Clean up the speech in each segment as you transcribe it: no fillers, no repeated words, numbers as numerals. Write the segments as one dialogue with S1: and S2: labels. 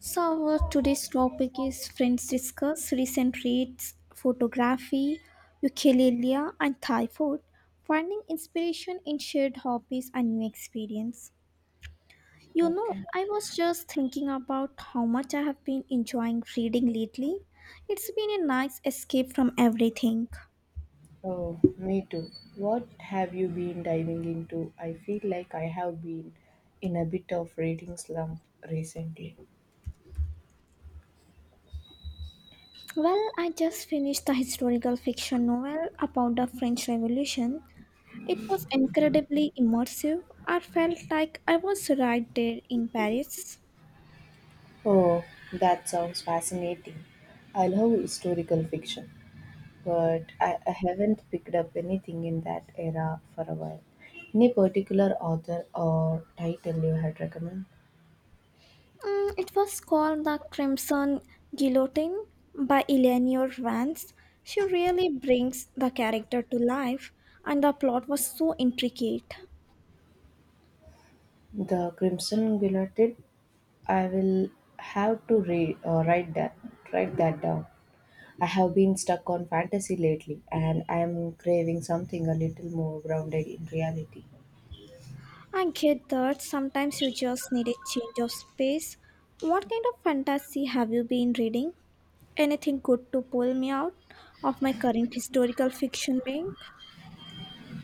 S1: Today's topic is Friends Discuss Recent Reads, Photography, Ukulele, and Thai Food, Finding Inspiration in Shared Hobbies and New Experience.
S2: Okay.
S1: I was just thinking about how much I have been enjoying reading lately. It's been a nice escape from everything.
S2: Oh, me too. What have you been diving into? I feel like I have been in a bit of reading slump recently.
S1: Well, I just finished the historical fiction novel about the French Revolution. It was incredibly immersive. I felt like I was right there in Paris.
S2: Oh, that sounds fascinating. I love historical fiction, but I haven't picked up anything in that era for a while. Any particular author or title you had recommend?
S1: It was called The Crimson Guillotine by Eleanor Vance. She really brings the character to life, and the plot was so intricate.
S2: The Crimson Guillotine. I will have to write that down. I have been stuck on fantasy lately, and I am craving something a little more grounded in reality.
S1: I get that sometimes you just need a change of space. What kind of fantasy have you been reading? Anything good to pull me out of my current historical fiction bank?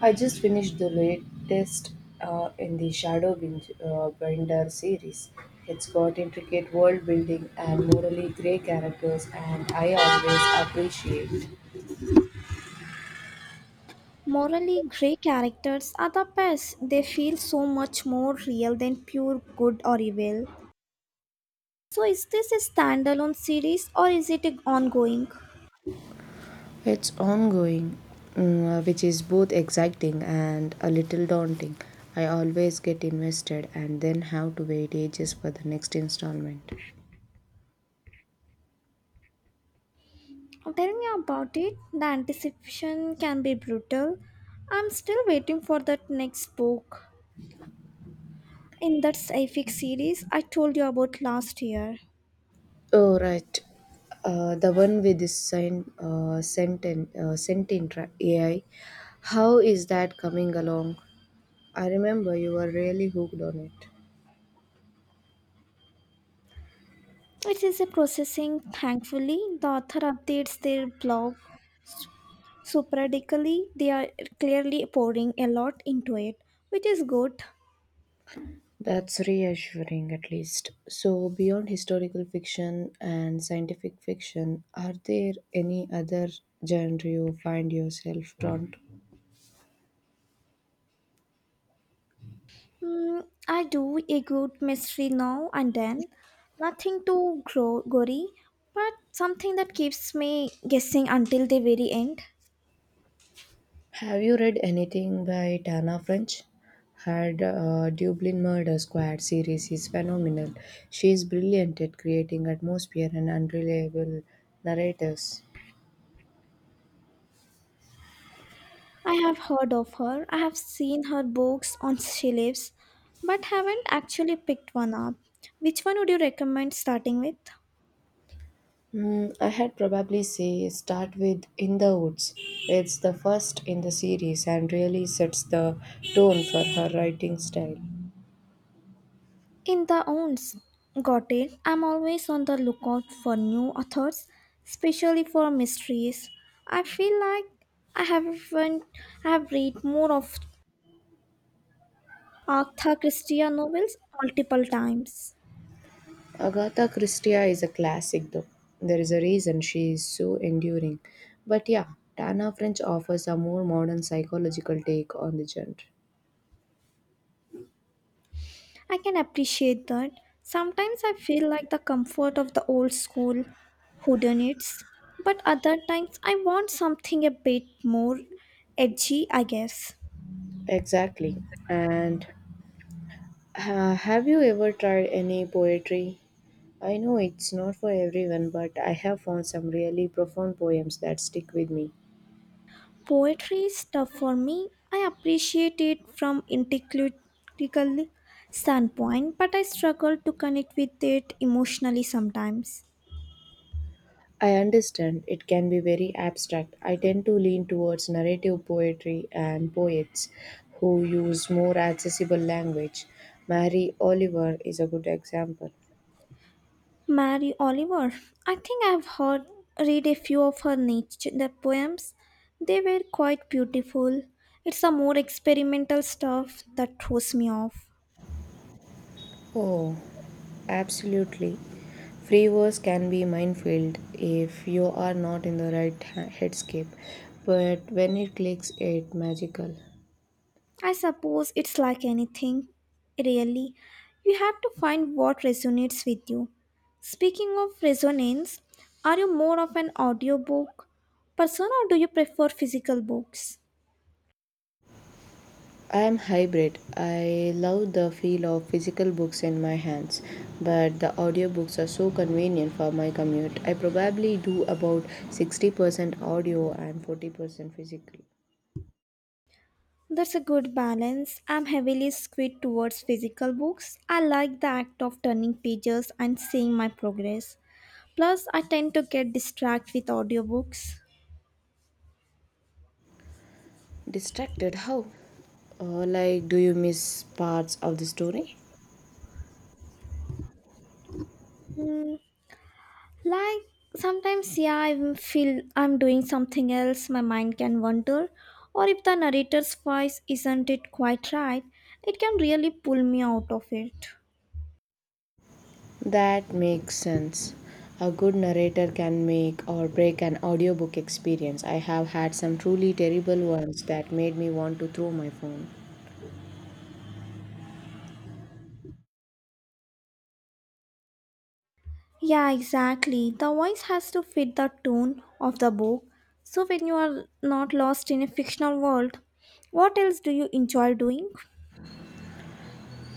S2: I just finished the latest in the Binder series. It's got intricate world building and morally grey characters, and I always appreciate.
S1: Morally grey characters are the best. They feel so much more real than pure good or evil. So, is this a standalone series or is it a ongoing?
S2: It's ongoing, which is both exciting and a little daunting. I always get invested and then have to wait ages for the next installment.
S1: Tell me about it. The anticipation can be brutal. I'm still waiting for that next book in that sci-fi series I told you about last year.
S2: Oh, right. The one with this sign, sentient, AI. How is that coming along? I remember you were really hooked on it.
S1: It is a processing. Thankfully, the author updates their blog so periodically. They are clearly pouring a lot into it, which is good.
S2: That's reassuring, at least. So, beyond historical fiction and scientific fiction, are there any other genre you find yourself drawn to?
S1: Hmm, I do a good mystery now and then. Nothing too gory, but something that keeps me guessing until the very end.
S2: Have you read anything by Tana French? Her Dublin Murder Squad series is phenomenal. She is brilliant at creating atmosphere and unreliable narrators.
S1: I have heard of her. I have seen her books on shelves, but haven't actually picked one up. Which one would you recommend starting with?
S2: Hmm, I had probably say start with In the Woods. It's the first in the series and really sets the tone for her writing style.
S1: In the owns. Got it. I'm always on the lookout for new authors, especially for mysteries. I feel like I haven't I have read more of Agatha Christie novels multiple times.
S2: Agatha Christie is a classic though. There is a reason she is so enduring. But yeah, Tana French offers a more modern psychological take on the genre.
S1: I can appreciate that. Sometimes I feel like the comfort of the old school whodunits, but other times I want something a bit more edgy, I guess.
S2: Exactly. And have you ever tried any poetry? I know it's not for everyone, but I have found some really profound poems that stick with me.
S1: Poetry is tough for me. I appreciate it from intellectual standpoint, but I struggle to connect with it emotionally sometimes.
S2: I understand it can be very abstract. I tend to lean towards narrative poetry and poets who use more accessible language. Mary Oliver is a good example.
S1: Mary Oliver. I think I've heard read a few of her nature poems. They were quite beautiful. It's the more experimental stuff that throws me off.
S2: Oh, absolutely. Free verse can be minefield if you are not in the right headscape, but when it clicks, it's magical.
S1: I suppose it's like anything, really. You have to find what resonates with you. Speaking of resonance, are you more of an audiobook person or do you prefer physical books?
S2: I am hybrid. I love the feel of physical books in my hands, but the audiobooks are so convenient for my commute. I probably do about 60% audio and 40% physical.
S1: That's a good balance. I'm heavily skewed towards physical books. I like the act of turning pages and seeing my progress. Plus, I tend to get distracted with audiobooks.
S2: Distracted? How? Like, do you miss parts of the story?
S1: Hmm, like Sometimes, yeah, I will feel I'm doing something else, my mind can wander. Or if the narrator's voice isn't it quite right, it can really pull me out of it.
S2: That makes sense. A good narrator can make or break an audiobook experience. I have had some truly terrible ones that made me want to throw my phone.
S1: Yeah, exactly. The voice has to fit the tone of the book. So when you are not lost in a fictional world, what else do you enjoy doing?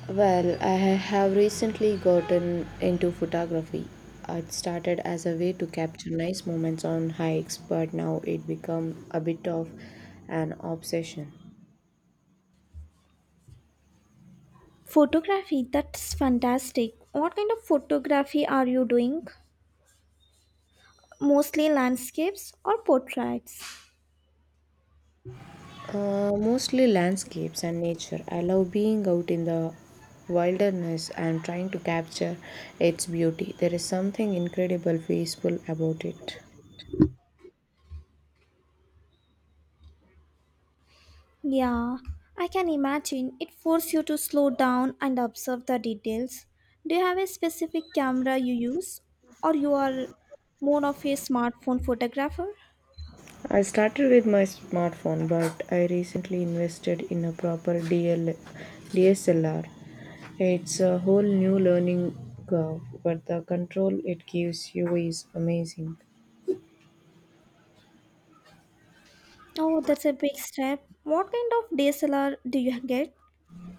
S2: Well, I have recently gotten into photography. It started as a way to capture nice moments on hikes, but now it become a bit of an obsession.
S1: Photography, that's fantastic. What kind of photography are you doing? Mostly landscapes or portraits?
S2: Mostly landscapes and nature. I love being out in the wilderness and trying to capture its beauty. There is something incredible peaceful about it.
S1: Yeah, I can imagine. It forces you to slow down and observe the details. Do you have a specific camera you use or you are more of a smartphone photographer?
S2: I started with my smartphone, but I recently invested in a proper DSLR. It's a whole new learning curve, but the control it gives you is amazing.
S1: Oh, that's a big step. What kind of DSLR do you get?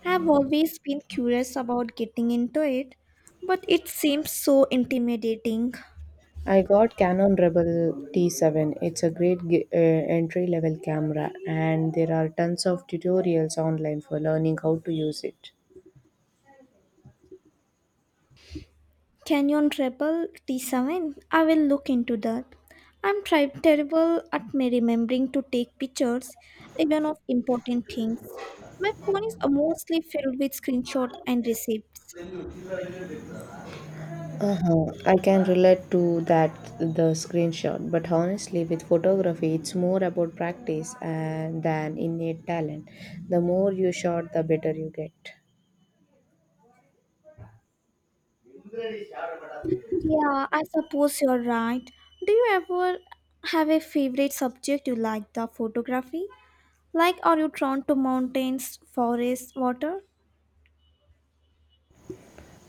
S1: I've always been curious about getting into it, but it seems so intimidating.
S2: I got Canon Rebel T7. It's a great entry level camera, and there are tons of tutorials online for learning how to use it.
S1: Canyon Rebel T7? I will look into that. I'm terrible at me remembering to take pictures, even of important things. My phone is mostly filled with screenshots and receipts.
S2: Uh-huh. I can relate to that, the screenshot, but honestly, with photography, it's more about practice and than innate talent. The more you shot, the better you get.
S1: Yeah, I suppose you're right. Do you ever have a favorite subject you like the photography? Like, are you drawn to mountains, forests, water?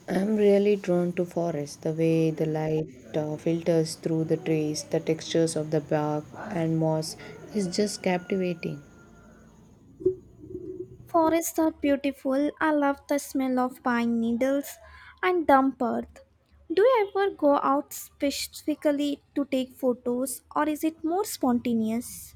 S2: I'm really drawn to forests, the way the light filters through the trees, the textures of the bark and moss is just captivating.
S1: Forests are beautiful. I love the smell of pine needles and damp earth. Do you ever go out specifically to take photos, or is it more spontaneous?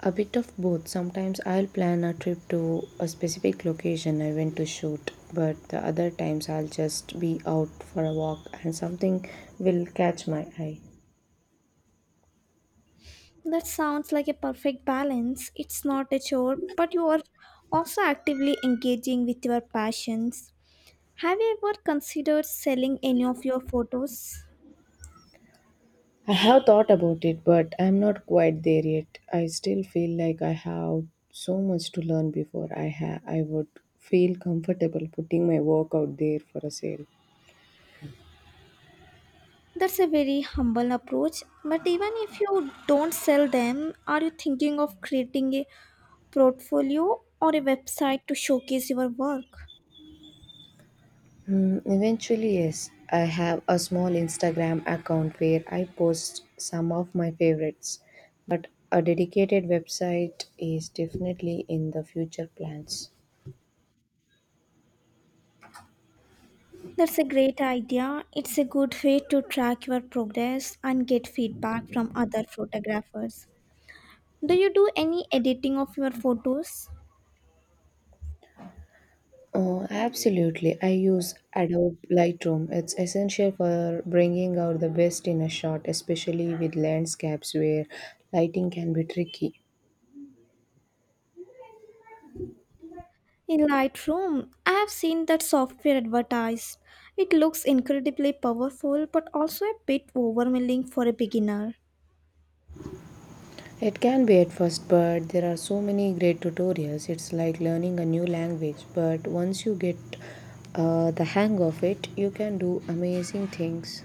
S2: A bit of both. Sometimes I'll plan a trip to a specific location I went to shoot, but the other times I'll just be out for a walk and something will catch my eye.
S1: That sounds like a perfect balance. It's not a chore, but you are also actively engaging with your passions. Have you ever considered selling any of your photos?
S2: I have thought about it, but I'm not quite there yet. I still feel like I have so much to learn before I would feel comfortable putting my work out there for a sale.
S1: That's a very humble approach. But even if you don't sell them, are you thinking of creating a portfolio or a website to showcase your work?
S2: Hmm, eventually, yes. I have a small Instagram account where I post some of my favorites, but a dedicated website is definitely in the future plans.
S1: That's a great idea. It's a good way to track your progress and get feedback from other photographers. Do you do any editing of your photos?
S2: Absolutely. I use Adobe Lightroom. It's essential for bringing out the best in a shot, especially with landscapes where lighting can be tricky.
S1: In Lightroom, I have seen that software advertised. It looks incredibly powerful but also a bit overwhelming for a beginner.
S2: It can be at first, but there are so many great tutorials. It's like learning a new language, but once you get the hang of it, you can do amazing things.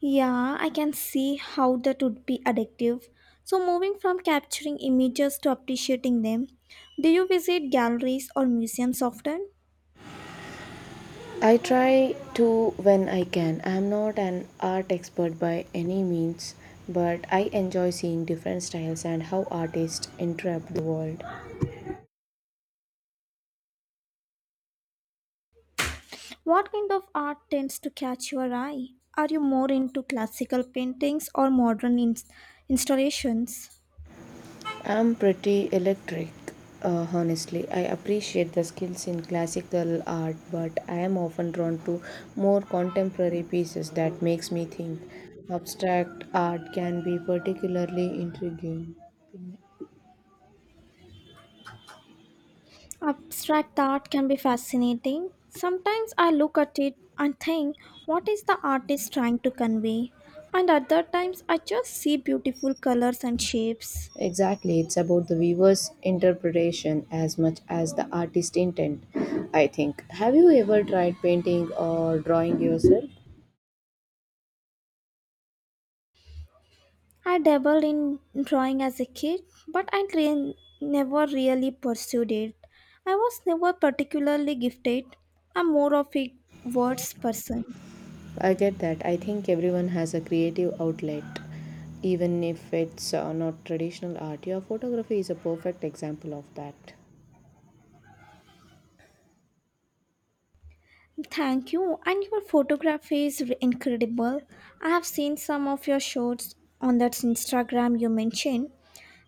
S1: Yeah, I can see how that would be addictive. So, moving from capturing images to appreciating them, do you visit galleries or museums often?
S2: I try to when I can. I'm not an art expert by any means, but I enjoy seeing different styles and how artists interpret the world.
S1: What kind of art tends to catch your eye? Are you more into classical paintings or modern installations?
S2: I'm pretty electric, honestly. I appreciate the skills in classical art, but I am often drawn to more contemporary pieces that makes me think. Abstract art can be particularly intriguing.
S1: Abstract art can be fascinating. Sometimes I look at it and think, what is the artist trying to convey? And other times I just see beautiful colors and shapes.
S2: Exactly, it's about the viewer's interpretation as much as the artist intent, I think. Have you ever tried painting or drawing yourself?
S1: I dabbled in drawing as a kid, but I never really pursued it. I was never particularly gifted. I'm more of a words person.
S2: I get that. I think everyone has a creative outlet, even if it's not traditional art. Your photography is a perfect example of that.
S1: Thank you, and your photography is incredible. I have seen some of your shots on that Instagram you mentioned.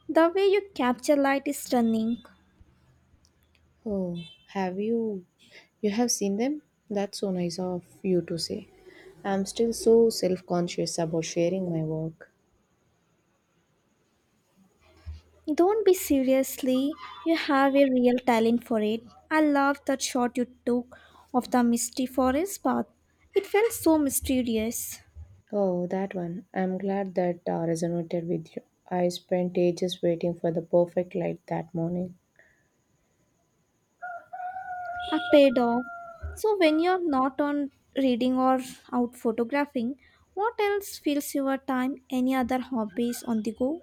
S1: The way you capture light is stunning.
S2: Oh, have you? You have seen them? That's so nice of you to say. I'm still so self conscious about sharing my work.
S1: Don't be seriously. You have a real talent for it. I love that shot you took of the misty forest path. It felt so mysterious.
S2: Oh, that one. I'm glad that resonated with you. I spent ages waiting for the perfect light that morning.
S1: I paid off. So when you're not on reading or out photographing, what else fills your time? Any other hobbies on the go?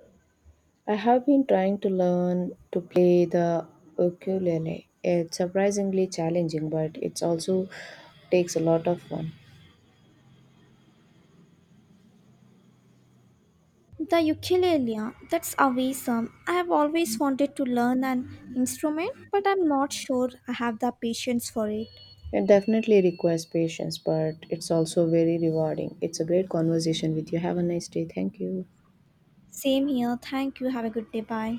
S2: I have been trying to learn to play the ukulele. It's surprisingly challenging, but it's also takes a lot of fun.
S1: The ukulele. That's awesome. I have always wanted to learn an instrument, but I'm not sure I have the patience for it.
S2: It definitely requires patience, but it's also very rewarding. It's a great conversation with you. Have a nice day. Thank you.
S1: Same here. Thank you. Have a good day. Bye.